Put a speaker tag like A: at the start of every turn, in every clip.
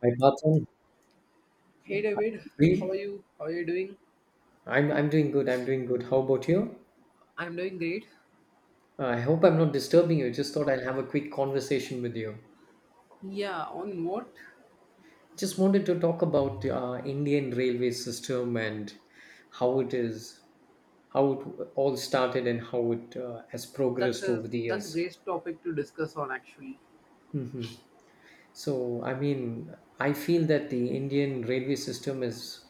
A: My thoughts on
B: Hey David, how are
A: free.
B: you? How are you doing?
A: I'm doing good. I'm doing good. How about you?
B: I'm doing great.
A: I hope I'm not disturbing you. Just thought I'll have a quick conversation with you.
B: Yeah, on what?
A: Just wanted to talk about Indian railway system and how it is, how it all started and how it has
B: That's
A: progressed
B: a
A: over the
B: that's a
A: years.
B: great topic to discuss on actually.
A: Hmm. So I mean, I feel that the Indian railway system is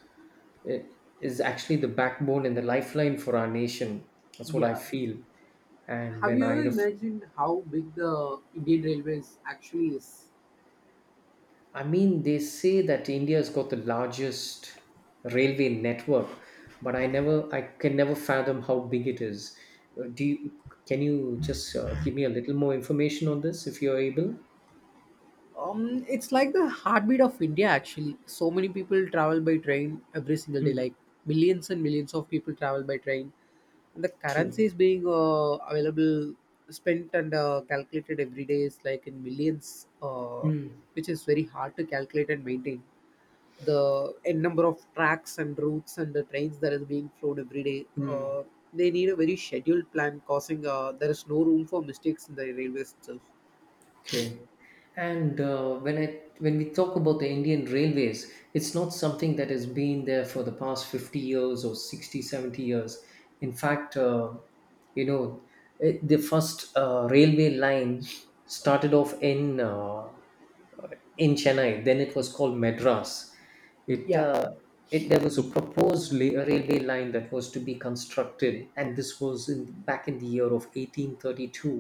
A: is actually the backbone and the lifeline for our nation. That's what I
B: Yeah.
A: feel. And
B: Have you ever imagined how big the Indian Railways actually is?
A: I mean, they say that India's got the largest railway network, but I can never fathom how big it is. Uh, Do you, can you just give me a little more information on this if you're able?
B: It's like the heartbeat of India actually. So many people travel by train every single day,
A: Mm,
B: like millions and millions of people travel by train. And the currency
A: true.
B: is being available, spent and calculated every day is like in millions,
A: Mm,
B: which is very hard to calculate and maintain. The n number of tracks and routes and the trains that is being flown every day,
A: mm.
B: they need a very scheduled plan, causing there is no room for mistakes in the railways itself.
A: Okay. And when we talk about the Indian railways, it's not something that has been there for the past 50 years or 60, 70 years. In fact, you know, it, the first railway line started off in Chennai. Then it was called Madras. It
B: Yeah,
A: it there was a railway line that was to be constructed, and this was in, back in the year of 1832.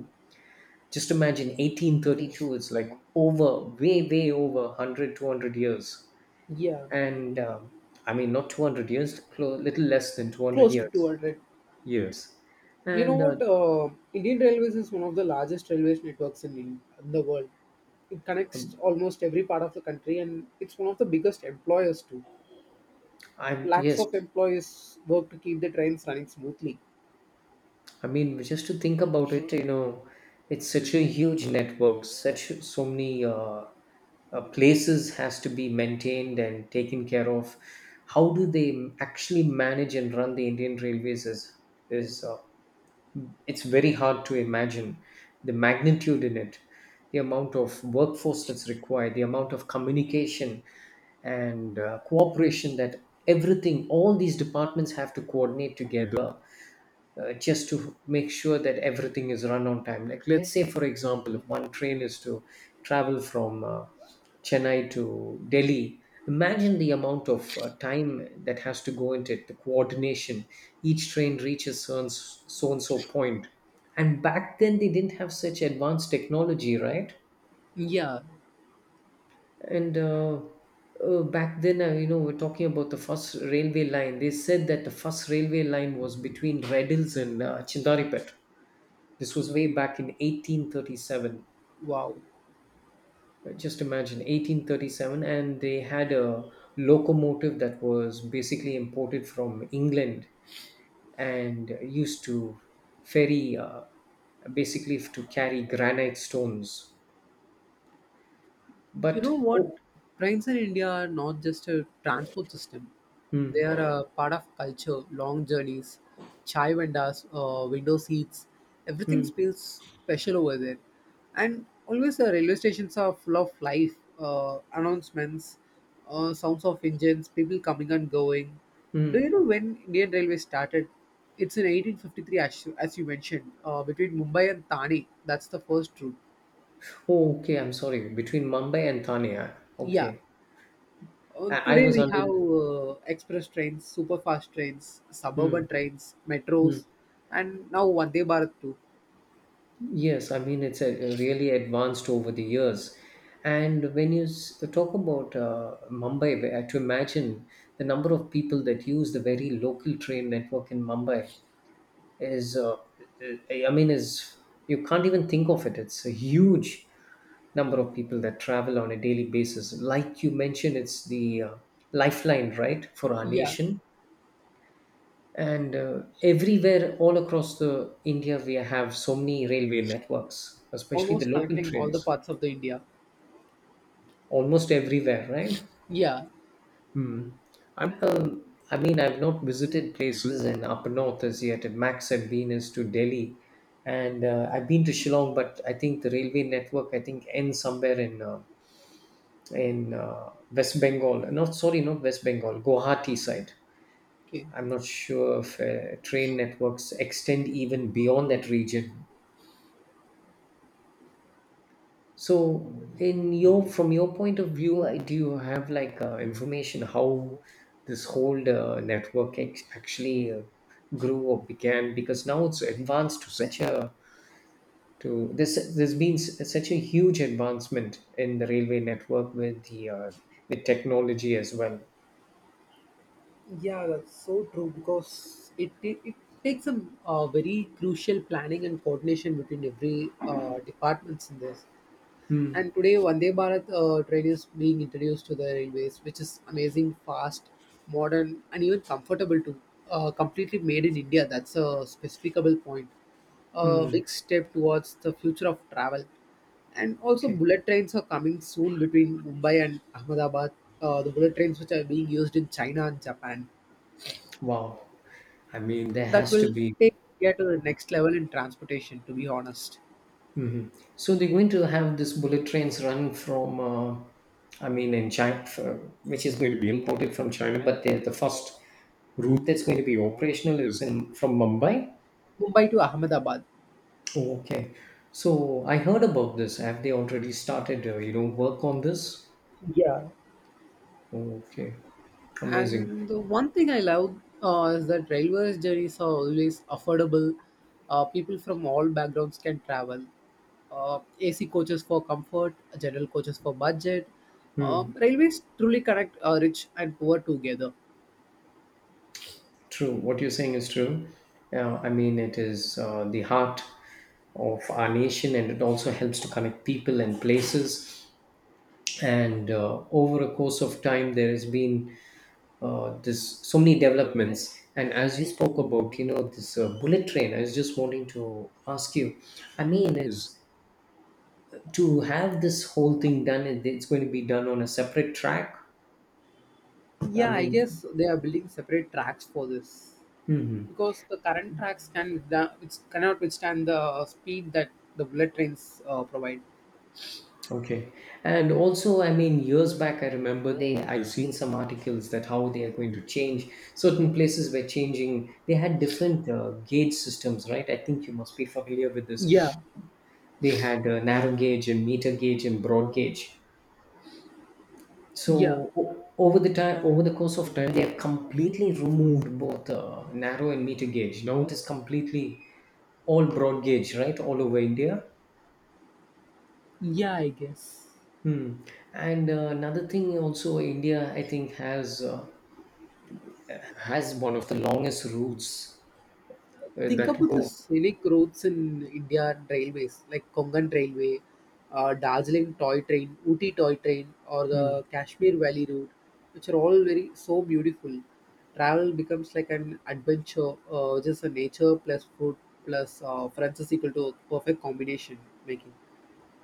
A: Just imagine, 1832 is like over, way, way over 100, 200 years.
B: yeah.
A: And I mean, not 200 years, little less than 200
B: Close to
A: years.
B: 200.
A: Years.
B: You know
A: And
B: what? Indian Railways is one of the largest railways networks in the world. It connects
A: um,
B: almost every part of the country and it's one of the biggest employers too.
A: I,
B: Lakhs
A: yes,
B: of employees work to keep the trains running smoothly.
A: I mean, just to think about it, you know, it's such a huge network, such so many places has to be maintained and taken care of. How do they actually manage and run the Indian Railways is it's very hard to imagine the magnitude in it, the amount of workforce that's required, the amount of communication and cooperation that everything, all these departments have to coordinate. Yeah, together just to make sure that everything is run on time. Like, let's say, for example, if one train is to travel from Chennai to Delhi, imagine the amount of time that has to go into it, the coordination. Each train reaches so and so point. And back then, they didn't have such advanced technology, right?
B: Yeah.
A: And back then, you know, we're talking about the first railway line. They said that the first railway line was between Red Hills and Chindaripet. This was way back in 1837.
B: Wow.
A: Just imagine, 1837, and they had a locomotive that was basically imported from England and used to ferry, basically to carry granite stones.
B: You know
A: But
B: what,
A: oh,
B: trains in India are not just a transport system, they are
A: hmm,
B: a part of culture. Long journeys, chai vendors, window seats, everything
A: hmm,
B: feels special over there. And always the railway stations are full of life, announcements, sounds of engines, people coming and going. Do
A: hmm.
B: you know when Indian Railway started? It's in 1853, as you mentioned, between Mumbai and Thane. That's the first route.
A: Oh, okay. I'm sorry. Between Mumbai and Thane. Ah,
B: Yeah.
A: okay, I
B: Today
A: was
B: we have
A: under.
B: express trains, super fast trains, suburban
A: Hmm,
B: trains,
A: hmm.
B: metros, and now Vande Bharat too.
A: Yes, I mean it's a really advanced over the years, and talk about Mumbai, to imagine the number of people that use the very local train network in Mumbai is, uh, is you can't even think of it. It's a huge number of people that travel on a daily basis. Like you mentioned, it's the lifeline, right, for our
B: Yeah,
A: nation and everywhere all across the India we have so many railway networks, especially the
B: almost
A: local
B: connecting all the
A: trains
B: parts of the India.
A: almost everywhere, right.
B: Yeah,
A: Hmm. i'm uh, I mean, I've not visited places in up north as yet. At max I've been is to Delhi and I've been to Shillong, but I think the railway network I think ends somewhere in west Bengal, not, sorry, not west Bengal, Guwahati side.
B: okay.
A: I'm not sure if train networks extend even beyond that region. So, in your from your point of view, do you have like information how this whole network actually grew or began? Because now it's advanced to such a to this There's been such a huge advancement in the railway network with the with technology as well.
B: Yeah, that's so true because it takes some very crucial planning and coordination between every departments in this.
A: Hmm.
B: And today, Vande Bharat train is being introduced to the railways, which is amazing, fast, modern, and even comfortable too. Completely made in India. That's a specificable point. A
A: Hmm.
B: big step towards the future of travel. And also,
A: Okay.
B: bullet trains are coming soon between Mumbai and Ahmedabad. The bullet trains which are being used in China and Japan.
A: Wow. I mean, there
B: That
A: has to
B: will
A: be.
B: take India to the next level in transportation. To be honest,
A: So they're going to have this bullet trains run from, in China, for, which is going to be imported from China. But they the first route that's going to be operational is in from Mumbai.
B: Mumbai to Ahmedabad.
A: Oh, okay. So I heard about this. Have they already started, you know, work on this?
B: Yeah.
A: Oh, okay. Amazing.
B: And the one thing I love is that railways journeys are always affordable. People from all backgrounds can travel. AC coaches for comfort, general coaches for budget. Railways truly connect rich and poor together.
A: True. What you're saying is true. I mean, it is the heart of our nation, and it also helps to connect people and places. And over a course of time, there has been this so many developments, and as you spoke about, you know, this bullet train, I was just wanting to ask you, I mean, is to have this whole thing done, it's going to be done on a separate track. I
B: Yeah, I
A: mean,
B: guess they are building separate tracks for this because the current tracks which cannot withstand the speed that the bullet trains provide.
A: okay. And also I mean years back I remember they, I've seen some articles that how they are going to change certain places were changing. They had different gauge systems, right? I think you must be familiar with this.
B: Yeah,
A: They had a narrow gauge and meter gauge and broad gauge. So
B: yeah,
A: over the time, over the course of time, they have completely removed both narrow and meter gauge. Now it is completely all broad gauge, right, all over India.
B: yeah. I guess.
A: Hmm. And another thing, also India, I think has one of the longest routes
B: Think
A: that
B: about the
A: go.
B: scenic routes in India and railways like Konkan Railway, Darjeeling Toy Train, Ooty Toy Train, or
A: Hmm.
B: the Kashmir Valley Route, which are all very so beautiful. Travel becomes like an adventure, just a nature plus food plus friends is equal to a perfect combination making.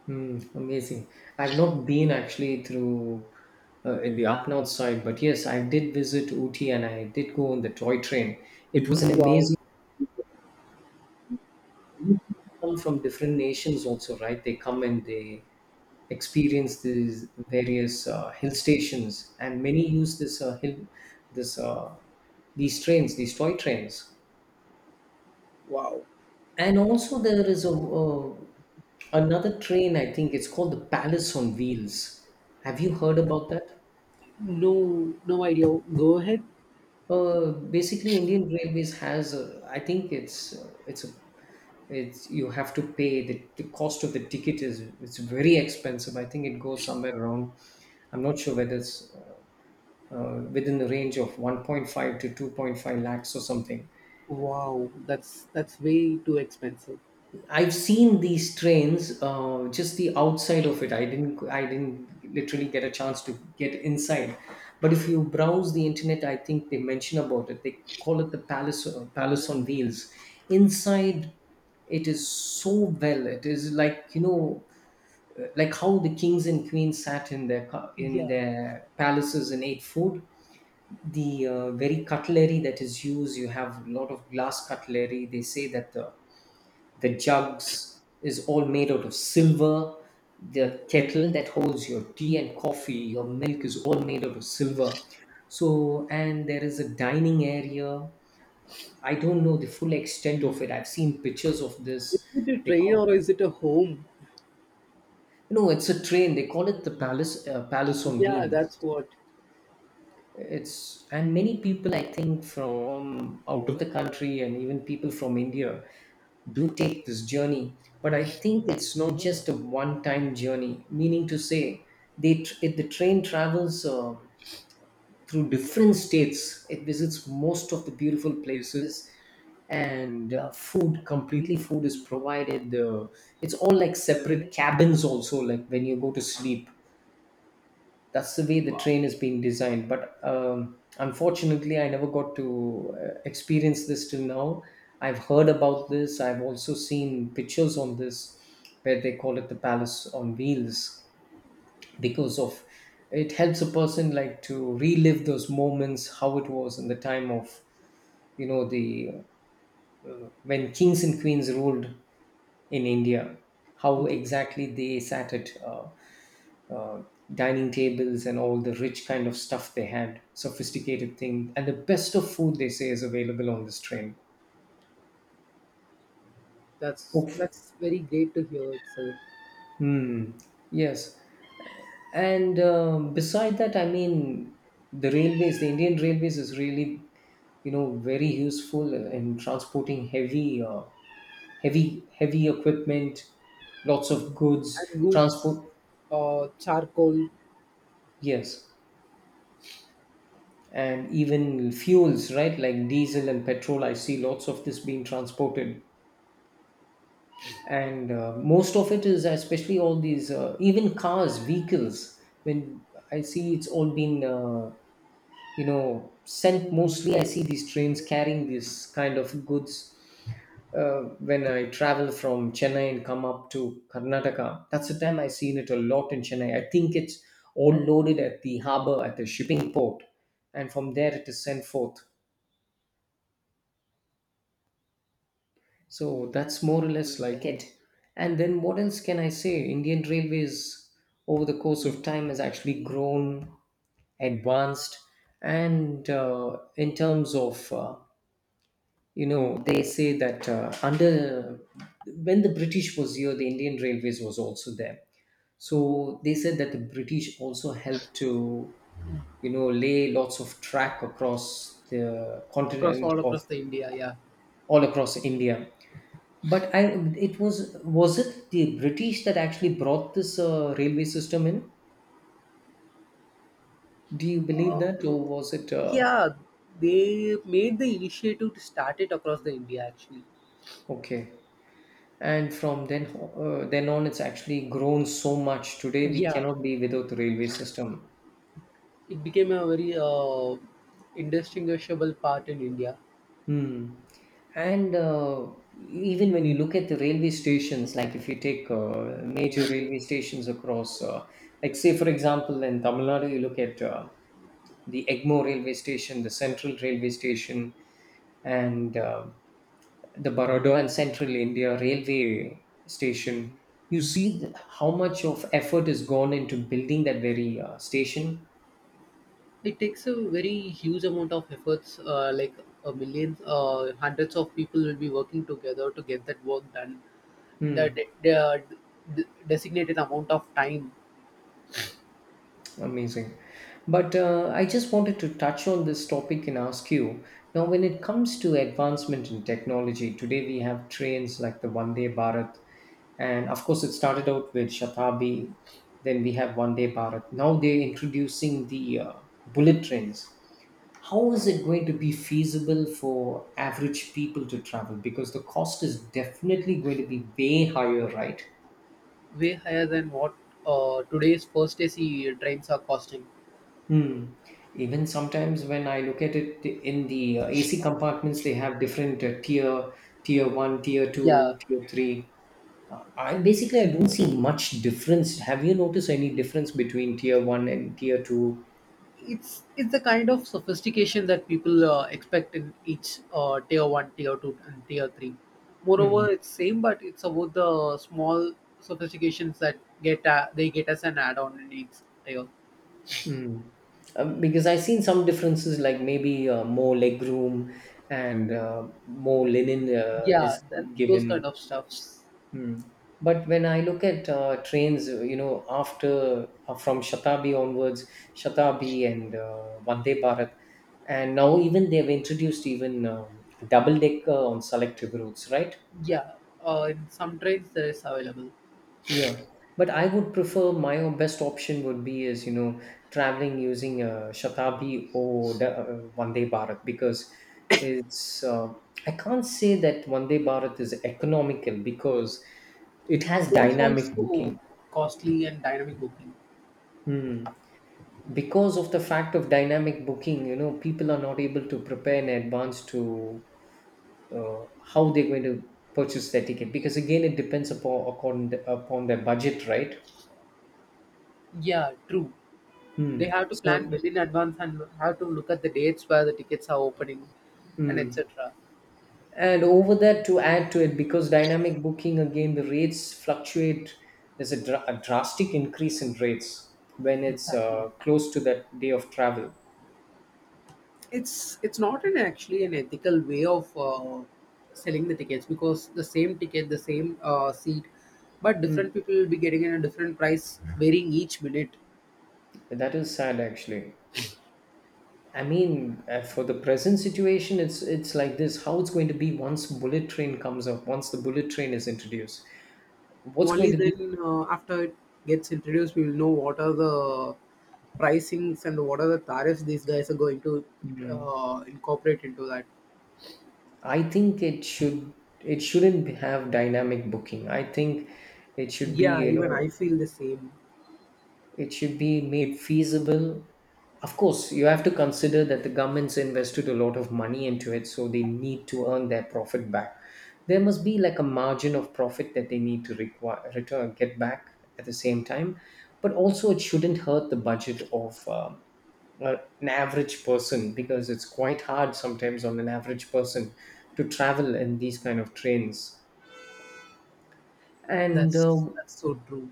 A: Hmm, amazing. I've not been actually through in the up north side, but yes, I did visit Ooty and I did go on the toy train. It was an
B: Wow,
A: amazing. Come from different nations also, right? They come and they experience these various hill stations, and many use this this uh, these trains, these toy trains.
B: wow.
A: And also there is a another train. I think it's called the Palace on Wheels. Have you heard about that?
B: No, no idea. Go ahead.
A: Basically, Indian Railways has, a, I think it's a it's you have to pay the cost of the ticket is it's very expensive. I think it goes somewhere around. I'm not sure whether it's within the range of 1.5 to 2.5 lakhs or something.
B: Wow, that's way too expensive.
A: I've seen these trains, just the outside of it. I didn't literally get a chance to get inside. But if you browse the internet, I think they mention about it. They call it the palace, palace on wheels. Inside, it is so well. It is like, you know, like how the kings and queens sat in in
B: Yeah.
A: their palaces and ate food. The very cutlery that is used, you have a lot of glass cutlery. They say that the jugs is all made out of silver. The kettle that holds your tea and coffee, your milk is all made out of silver. So, and there is a dining area. I don't know the full extent of it. I've seen pictures of
B: Is
A: this.
B: it a
A: They
B: train
A: call
B: or is it a home?
A: no, it's a train. They call it the palace, palace on
B: Yeah,
A: wheels.
B: that's what.
A: It's and many people I think from out of the country and even people from India do take this journey. But I think it's not just a one time journey, meaning to say it, the train travels through different states. It visits most of the beautiful places, and food is provided. The it's all like separate cabins also, like when you go to sleep, that's the way the train is being designed. But unfortunately, I never got to experience this till now. I've heard about this, I've also seen pictures on this, where they call it the palace on wheels, because of it helps a person like to relive those moments, how it was in the time of, you know, the when kings and queens ruled in India, how
B: Yeah,
A: exactly they sat at. Uh, Dining tables and all the rich kind of stuff they had, sophisticated thing, and the best of food they say is available on this train.
B: that's
A: Oh,
B: that's very great to hear itself.
A: hmm. Yes, and beside that, I mean, the railways, the Indian railways is really, you know, very useful in transporting heavy, heavy equipment, lots of goods,
B: And goods,
A: transport.
B: charcoal
A: Yes, and even fuels, right? Like diesel and petrol. I see lots of this being transported, and most of it is especially all these even cars vehicles when I see it's all been you know sent. Mostly I see these trains carrying this kind of goods when I travel from Chennai and come up to Karnataka. That's the time I seen it a lot. In Chennai I think it's all loaded at the harbor at the shipping port, and from there it is sent forth. So that's more or less like it. And then what else can I say? Indian Railways, over the course of time, has actually grown, advanced, and in terms of, they say that under when the British was here, the Indian Railways was also there. So they said that the British also helped to, lay lots of track across the
B: across
A: continent
B: all
A: of
B: across the India. Yeah,
A: all across India, but I, it was it the British that actually brought this railway system in? Do you believe that, or was it
B: yeah, they made the initiative to start it across the India actually.
A: okay? And from then on, it's actually grown so much. Today, we
B: Yeah,
A: cannot be without the railway system.
B: it became a very indistinguishable part in India.
A: Hmm. And even when you look at the railway stations, like if you take major railway stations across, like say for example in Tamil Nadu, you look at the Egmore railway station, the Central railway station, and the Baroda and Central India railway station. You see how much of effort is gone into building that very station.
B: It takes a very huge amount of efforts, like a million, hundreds of people will be working together to get that work done. In the
A: Hmm.
B: designated amount of time,
A: Amazing. But I just wanted to touch on this topic and ask you. Now, when it comes to advancement in technology, today we have trains like the Vande Bharat, and of course, it started out with Shatabdi, then we have Vande Bharat. Now they're introducing the bullet trains. How is it going to be feasible for average people to travel? Because the cost is definitely going to be way higher, right?
B: way higher than what today's first AC trains are costing.
A: Hmm. Even sometimes when I look at it in the AC compartments, they have different tier one, tier
B: Yeah,
A: two, tier three. I don't see much difference. Have you noticed any difference between tier one and tier two?
B: it's the kind of sophistication that people expect in each tier one, tier two, and tier three.
A: Hmm.
B: Moreover, it's same, but it's about the small sophistications that get they get as an add-on in each tier.
A: Mm. Because I've seen some differences, like maybe more leg room and more linen
B: Yeah,
A: is
B: those kind
A: given.
B: of stuffs.
A: Hmm. But when I look at trains, you know, after from Shatabdi onwards, Shatabdi and Vande Bharat, and now even they've introduced even double decker on selective routes, right?
B: Yeah, in some trades there is available.
A: Yeah. But I would prefer my own best option would be is, you know, traveling using Shatabdi or Vande Bharat because it's, uh, I can't say that Vande Bharat is economical because it has
B: It is
A: dynamic
B: also
A: booking.
B: costly and dynamic booking.
A: Hmm. Because of the fact of dynamic booking, you know, people are not able to prepare in advance to how they're going to purchase their ticket, because again it depends upon their budget, right?
B: Yeah, true. They
A: Hmm.
B: have to plan
A: So,
B: well in advance and have to look at the dates where the tickets are opening and
A: mm.
B: etc.
A: and over that to add to it, because dynamic booking again, the rates fluctuate. There's a drastic increase in rates when it's
B: Exactly.
A: close to that day of travel.
B: It's not an actually an ethical way of selling the tickets because the same ticket, the same seat, but
A: Mm.
B: different people will be getting in a different price varying each minute.
A: That is sad, actually. I mean, for the present situation, it's like this: how it's going to be once bullet train comes up, once the bullet train is introduced. What's going
B: Only
A: to be?
B: then, after it gets introduced, we will know what are the pricings and what are the tariffs these guys are going to
A: Hmm.
B: incorporate into that.
A: I think it shouldn't have dynamic booking. I think it should be,
B: Yeah,
A: you
B: even
A: know,
B: I feel the same.
A: it should be made feasible. Of course, you have to consider that the government's invested a lot of money into it, so they need to earn their profit back. There must be like a margin of profit that they need to require return get back at the same time, but also it shouldn't hurt the budget of an average person, because it's quite hard sometimes on an average person to travel in these kind of trains. And
B: that's that's so true.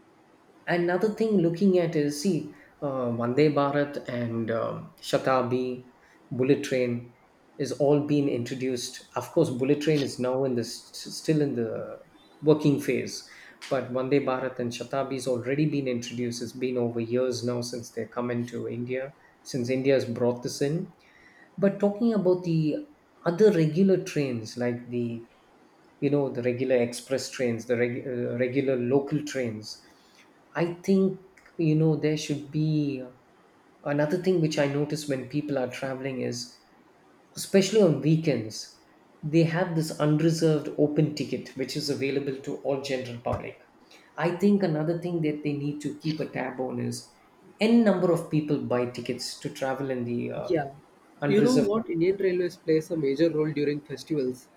A: another thing looking at is see, Vande Bharat and Shatabdi, bullet train is all been introduced. Of course, bullet train is now in this still in the working phase, but Vande Bharat and Shatabdi has already been introduced. It's been over years now since they come into India, since India has brought this in. But talking about the other regular trains like the, you know, the regular express trains, the regular local trains, I think, you know, there should be another thing which I notice when people are traveling is, especially on weekends, they have this unreserved open ticket which is available to all general public. I think another thing that they need to keep a tab on is n number of people buy tickets to travel in the
B: Yeah, you know
A: unreserved.
B: what? Indian Railways plays a major role during festivals.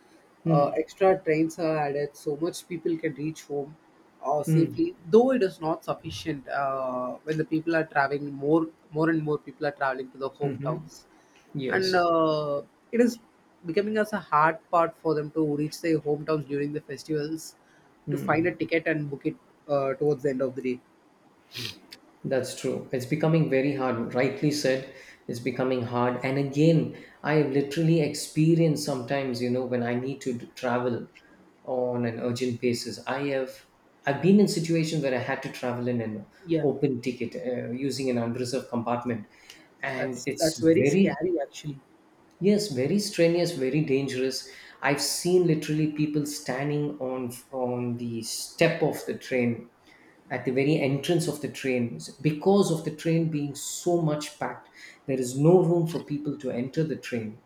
A: Hmm.
B: Extra trains are added so much people can reach home
A: Hmm.
B: safely. Though it is not sufficient when the people are traveling more, more and more people are traveling to the
A: hmm
B: hometowns, and
A: Yes.
B: it is becoming as a hard part for them to reach their hometowns during the festivals to find a
A: Hmm.
B: ticket and book it towards the end of the day.
A: That's true. It's becoming very hard. Rightly said, it's becoming hard. And again, I have literally experienced sometimes, you know, when I need to travel on an urgent basis. I've been in situations where I had to travel in an
B: Yeah,
A: open ticket using an unreserved compartment, and
B: that's that's very scary actually.
A: yes, very strenuous, very dangerous. I've seen literally people standing on the step of the train at the very entrance of the train because of the train being so much packed. There is no room for people to enter the train,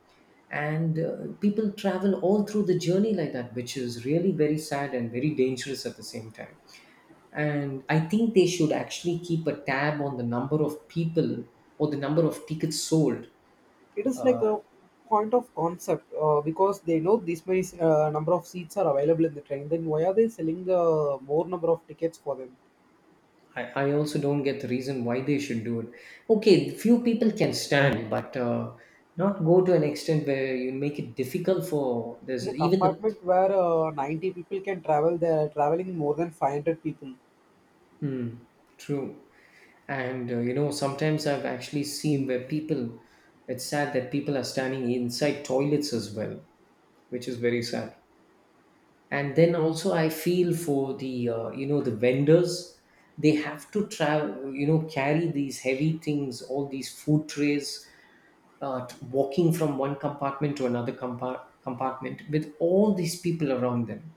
A: and people travel all through the journey like that, which is really very sad and very dangerous at the same time. And I think they should actually keep a tab on the number of people or the number of tickets sold.
B: It is like a point of concept because they know this many number of seats are available in the train, then why are they selling more number of tickets for them?
A: I also don't get the reason why they should do it. Okay, few people can stand, but not go to an extent where you make it difficult for
B: In a
A: there's even the.
B: compartment where 90 people can travel, they are traveling more than 500 people.
A: Mm, true. And you know, sometimes I've actually seen where people, it's sad that people are standing inside toilets as well, which is very sad. And then also, I feel for the, you know, the vendors, they have to travel, you know, carry these heavy things, all these food trays, walking from one compartment to another compartment with all these people around them.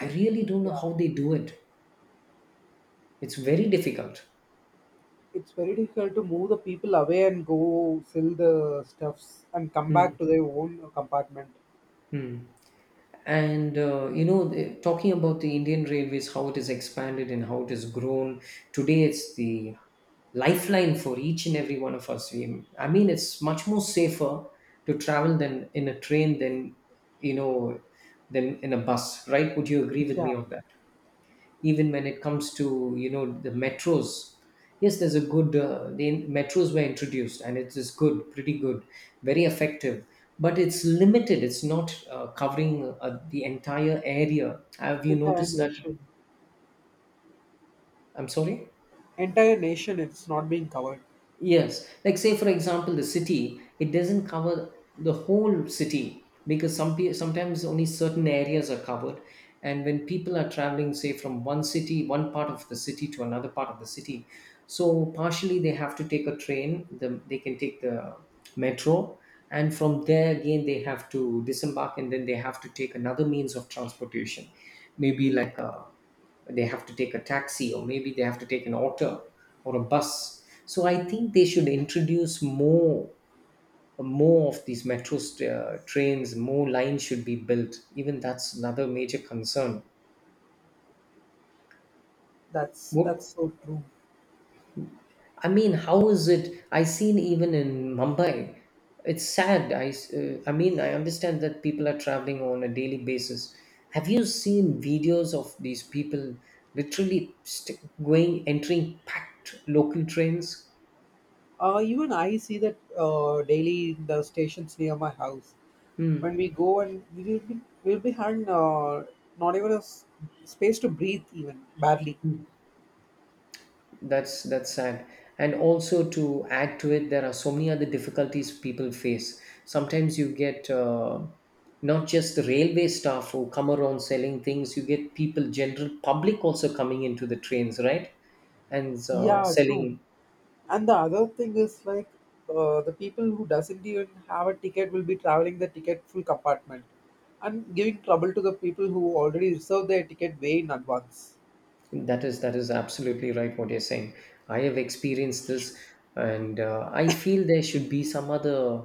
A: I really don't know
B: Yeah,
A: how they do it. It's very difficult.
B: it's very difficult to move the people away and go sell the stuffs and come back
A: Hmm.
B: to their own compartment.
A: hmm. And you know talking about the Indian Railways, how it has expanded and how it has grown, today it's the lifeline for each and every one of us. I mean, it's much more safer to travel than in a train than, you know, than in a bus, right? Would you agree with
B: Yeah.
A: me on that? Even when it comes to, you know, the metros, yes, there's a good the metros were introduced and it is good, pretty good, very effective, but it's limited, it's not covering the entire area. Have you
B: Entire
A: noticed that?
B: nation.
A: I'm sorry.
B: Entire nation, it's not being covered.
A: Yes, like say for example, the city, it doesn't cover the whole city, because some sometimes only certain areas are covered, and when people are traveling, say from one city, one part of the city to another part of the city, so partially they have to take a train. They can take the metro, and from there again they have to disembark, and then they have to take another means of transportation, maybe like a, they have to take a taxi or maybe they have to take an auto or a bus. So I think they should introduce more, more of these metro trains, more lines should be built even, that's another major concern.
B: That's
A: What,
B: so true.
A: I mean, how is it, I seen even in Mumbai, it's sad. I mean, I understand that people are traveling on a daily basis. Have you seen videos of these people literally going entering packed local trains?
B: Even I see that daily in the stations near my house. When we go and we'll be having, not even a space to breathe, even badly.
A: That's sad. And also to add to it, there are so many other difficulties people face. Sometimes you get not just the railway staff who come around selling things. You get people, general public, also coming into the trains, right? And
B: Yeah, true.
A: selling.
B: And the other thing is like, the people who doesn't even have a ticket will be traveling the ticket full compartment and giving trouble to the people who already reserved their ticket way in advance.
A: That is absolutely right. What you're saying. I have experienced this, and I feel there should be some other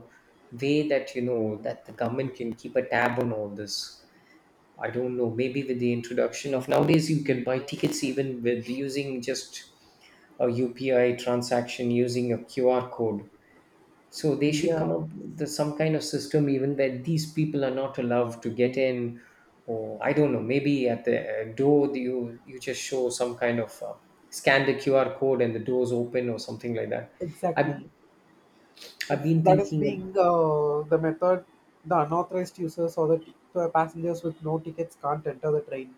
A: way that, you know, that the government can keep a tab on all this. I don't know, maybe with the introduction of nowadays, you can buy tickets even with using just a UPI transaction using a QR code. So they should
B: Yeah,
A: come up with some kind of system, even that these people are not allowed to get in, or I don't know. Maybe at the door, you just show some kind of scan the QR code and the doors open or something like that. I've
B: exactly.
A: I've
B: If
A: been
B: that is
A: thinking
B: being,
A: of.
B: the method, the unauthorized users or the passengers with no tickets can't enter the train.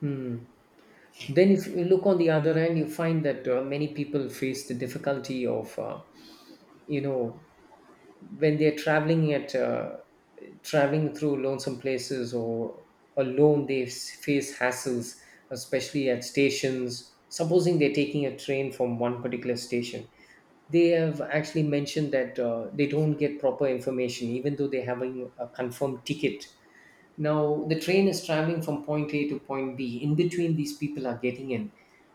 A: Hmm. Then if you look on the other end, you find that many people face the difficulty of. You know when they're traveling at traveling through lonesome places or alone, they face hassles, especially at stations. Supposing they're taking a train from one particular station, they have actually mentioned that they don't get proper information even though they're having a confirmed ticket. Now the train is traveling from point a to point b. In between, these people are getting in.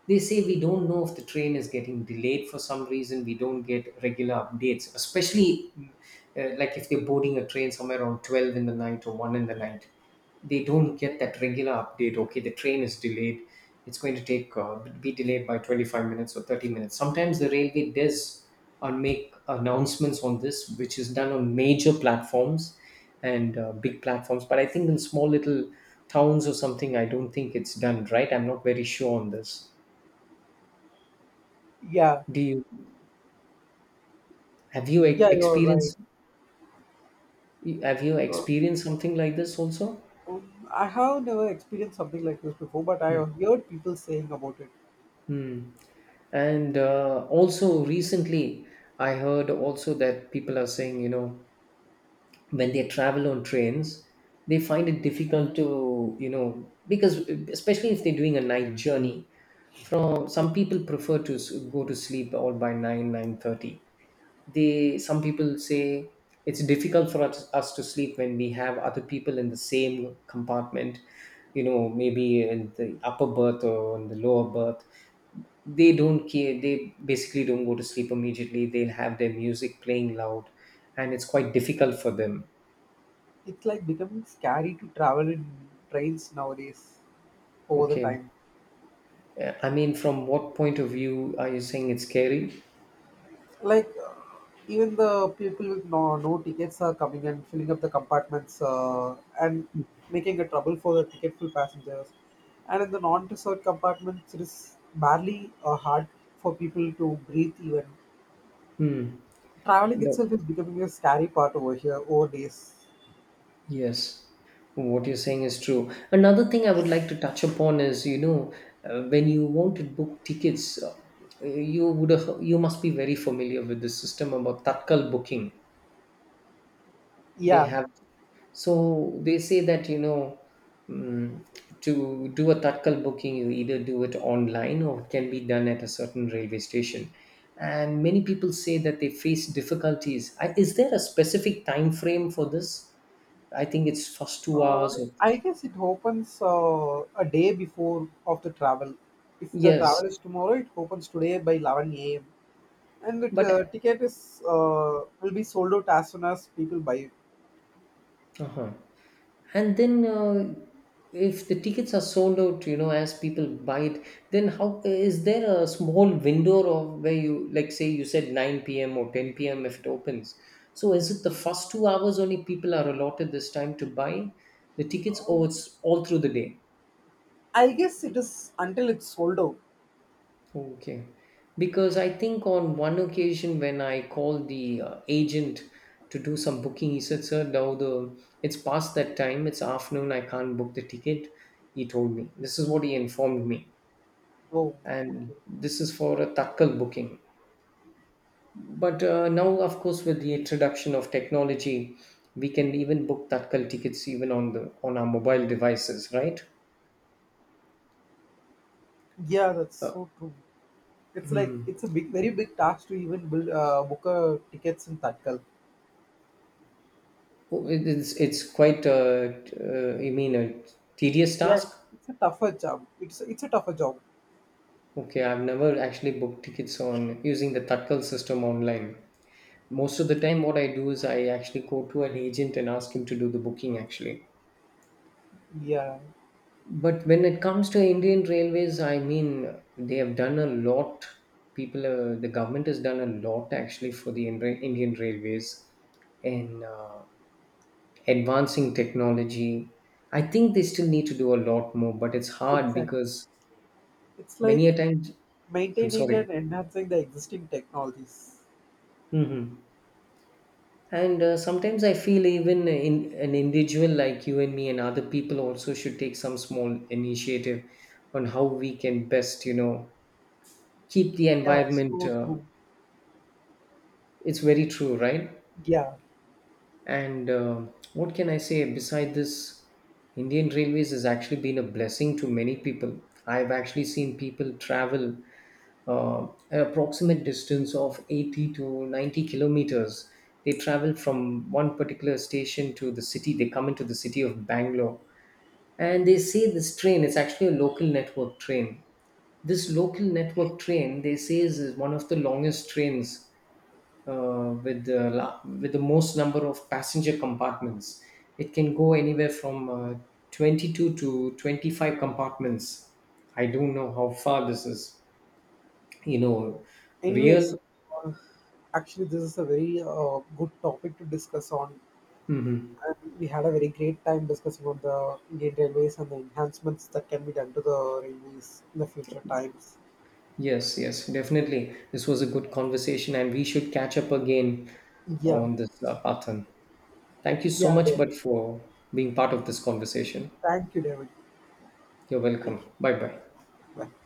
A: They say we don't know if the train is getting delayed. For some reason we don't get regular updates, especially like if they're boarding a train somewhere around 12 in the night or 1 in the night, they don't get that regular update: okay, the train is delayed, it's going to take be delayed by 25 minutes or 30 minutes. Sometimes the railway does make announcements on this, which is done on major platforms and big platforms, but I think in small little towns or something I don't think it's done right. I'm not very sure on this.
B: Yeah,
A: Do you
B: yeah, you're right.
A: experienced, have you
B: uh,
A: experienced something like this also?
B: I have never experienced something like this before, but I have heard people saying about it.
A: Hmm. And also recently, I heard also that people are saying, when they travel on trains, they find it difficult to, because especially if they're doing a night journey, from some people prefer to go to sleep all by nine, 9:30. They, some people say, it's difficult for us to sleep when we have other people in the same compartment, you know, maybe in the upper berth or in the lower berth. They don't care, they basically don't go to sleep immediately, they'll have their music playing loud and it's quite difficult for them.
B: It's like becoming scary to travel in trains nowadays over the
A: Okay.
B: time.
A: I mean, from what point of view are you saying it's scary?
B: Like, even the people with no tickets are coming and filling up the compartments, and making a trouble for the ticket full passengers. And in the non-reserved compartments it is barely hard for people to breathe even.
A: Hmm.
B: Traveling
A: No.
B: itself is becoming a scary part over here over days.
A: Yes, what you're saying is true. Another thing I would like to touch upon is, you know, when you want to book tickets, you would, you must be very familiar with the system about tatkal booking. They
B: Yeah.
A: have, so they say that, you know, mm, to do a tatkal booking you either do it online or it can be done at a certain railway station. And many people say that they face difficulties. I, is there a specific time frame for this? I think it's first two
B: uh,
A: hours or.
B: I guess it opens a day before of the travel. If the
A: Yes,
B: travel is tomorrow, it opens today by 11 a.m. And the
A: but.
B: ticket is will be sold out as soon as people buy.
A: Uh-huh. And then if the tickets are sold out, you know, as people buy it, then how is there a small window of where, you like say, you said 9 p.m. or 10 p.m. if it opens, so is it the first 2 hours only people are allotted this time to buy the tickets, or
B: Um,
A: it's all through the day?
B: I guess it is until it's sold out.
A: Okay. Because I think on one occasion when I called the agent to do some booking, he said, "Sir, now the it's past that time. It's afternoon. I can't book the ticket." He told me this is what he informed me,
B: Oh,
A: and
B: okay.
A: this is for a tatkal booking. But now, of course, with the introduction of technology, we can even book tatkal tickets even on the on our mobile devices, right?
B: Yeah, that's so true. It's like, it's a big, very big task to even build book a tickets in Tatkal.
A: It's quite you mean a tedious
B: Yeah,
A: task.
B: it's a tougher job. It's a tougher job.
A: Okay, I've never actually booked tickets on using the Tatkal system online. Most of the time, what I do is I actually go to an agent and ask him to do the booking actually.
B: Yeah,
A: But when it comes to Indian Railways, I mean, they have done a lot. People, the government has done a lot actually for the Indian Railways in advancing technology. I think they still need to do a lot more, but it's hard
B: exactly.
A: because
B: It's
A: many
B: like
A: a times, I'm
B: maintaining
A: sorry.
B: and enhancing the existing technologies.
A: Mhm. And sometimes I feel even in an individual like you and me and other people also should take some small initiative on how we can best, you know, keep the
B: Yeah,
A: environment.
B: so true.
A: It's very true, right?
B: Yeah.
A: And what can I say? Beside this, Indian Railways has actually been a blessing to many people. I've actually seen people travel an approximate distance of 80 to 90 kilometers. They travel from one particular station to the city, they come into the city of Bangalore. And they say this train, it's actually a local network train. This local network train, they say, is one of the longest trains with, the, with the most number of passenger compartments. It can go anywhere from 22 to 25 compartments. I don't know how far this is, you know,
B: Anyways,
A: real.
B: uh, actually, this is a very good topic to discuss on. And we had a very great time discussing on the Indian Railways and the enhancements that can be done to the railways in the future times.
A: Yes, yes, definitely. This was a good conversation, and we should catch up again
B: Yeah,
A: on this pattern. Thank you so
B: yeah,
A: much, but
B: David.
A: for being part of this conversation.
B: Thank you, David.
A: You're
B: Thank
A: welcome.
B: you.
A: Bye bye.
B: Bye.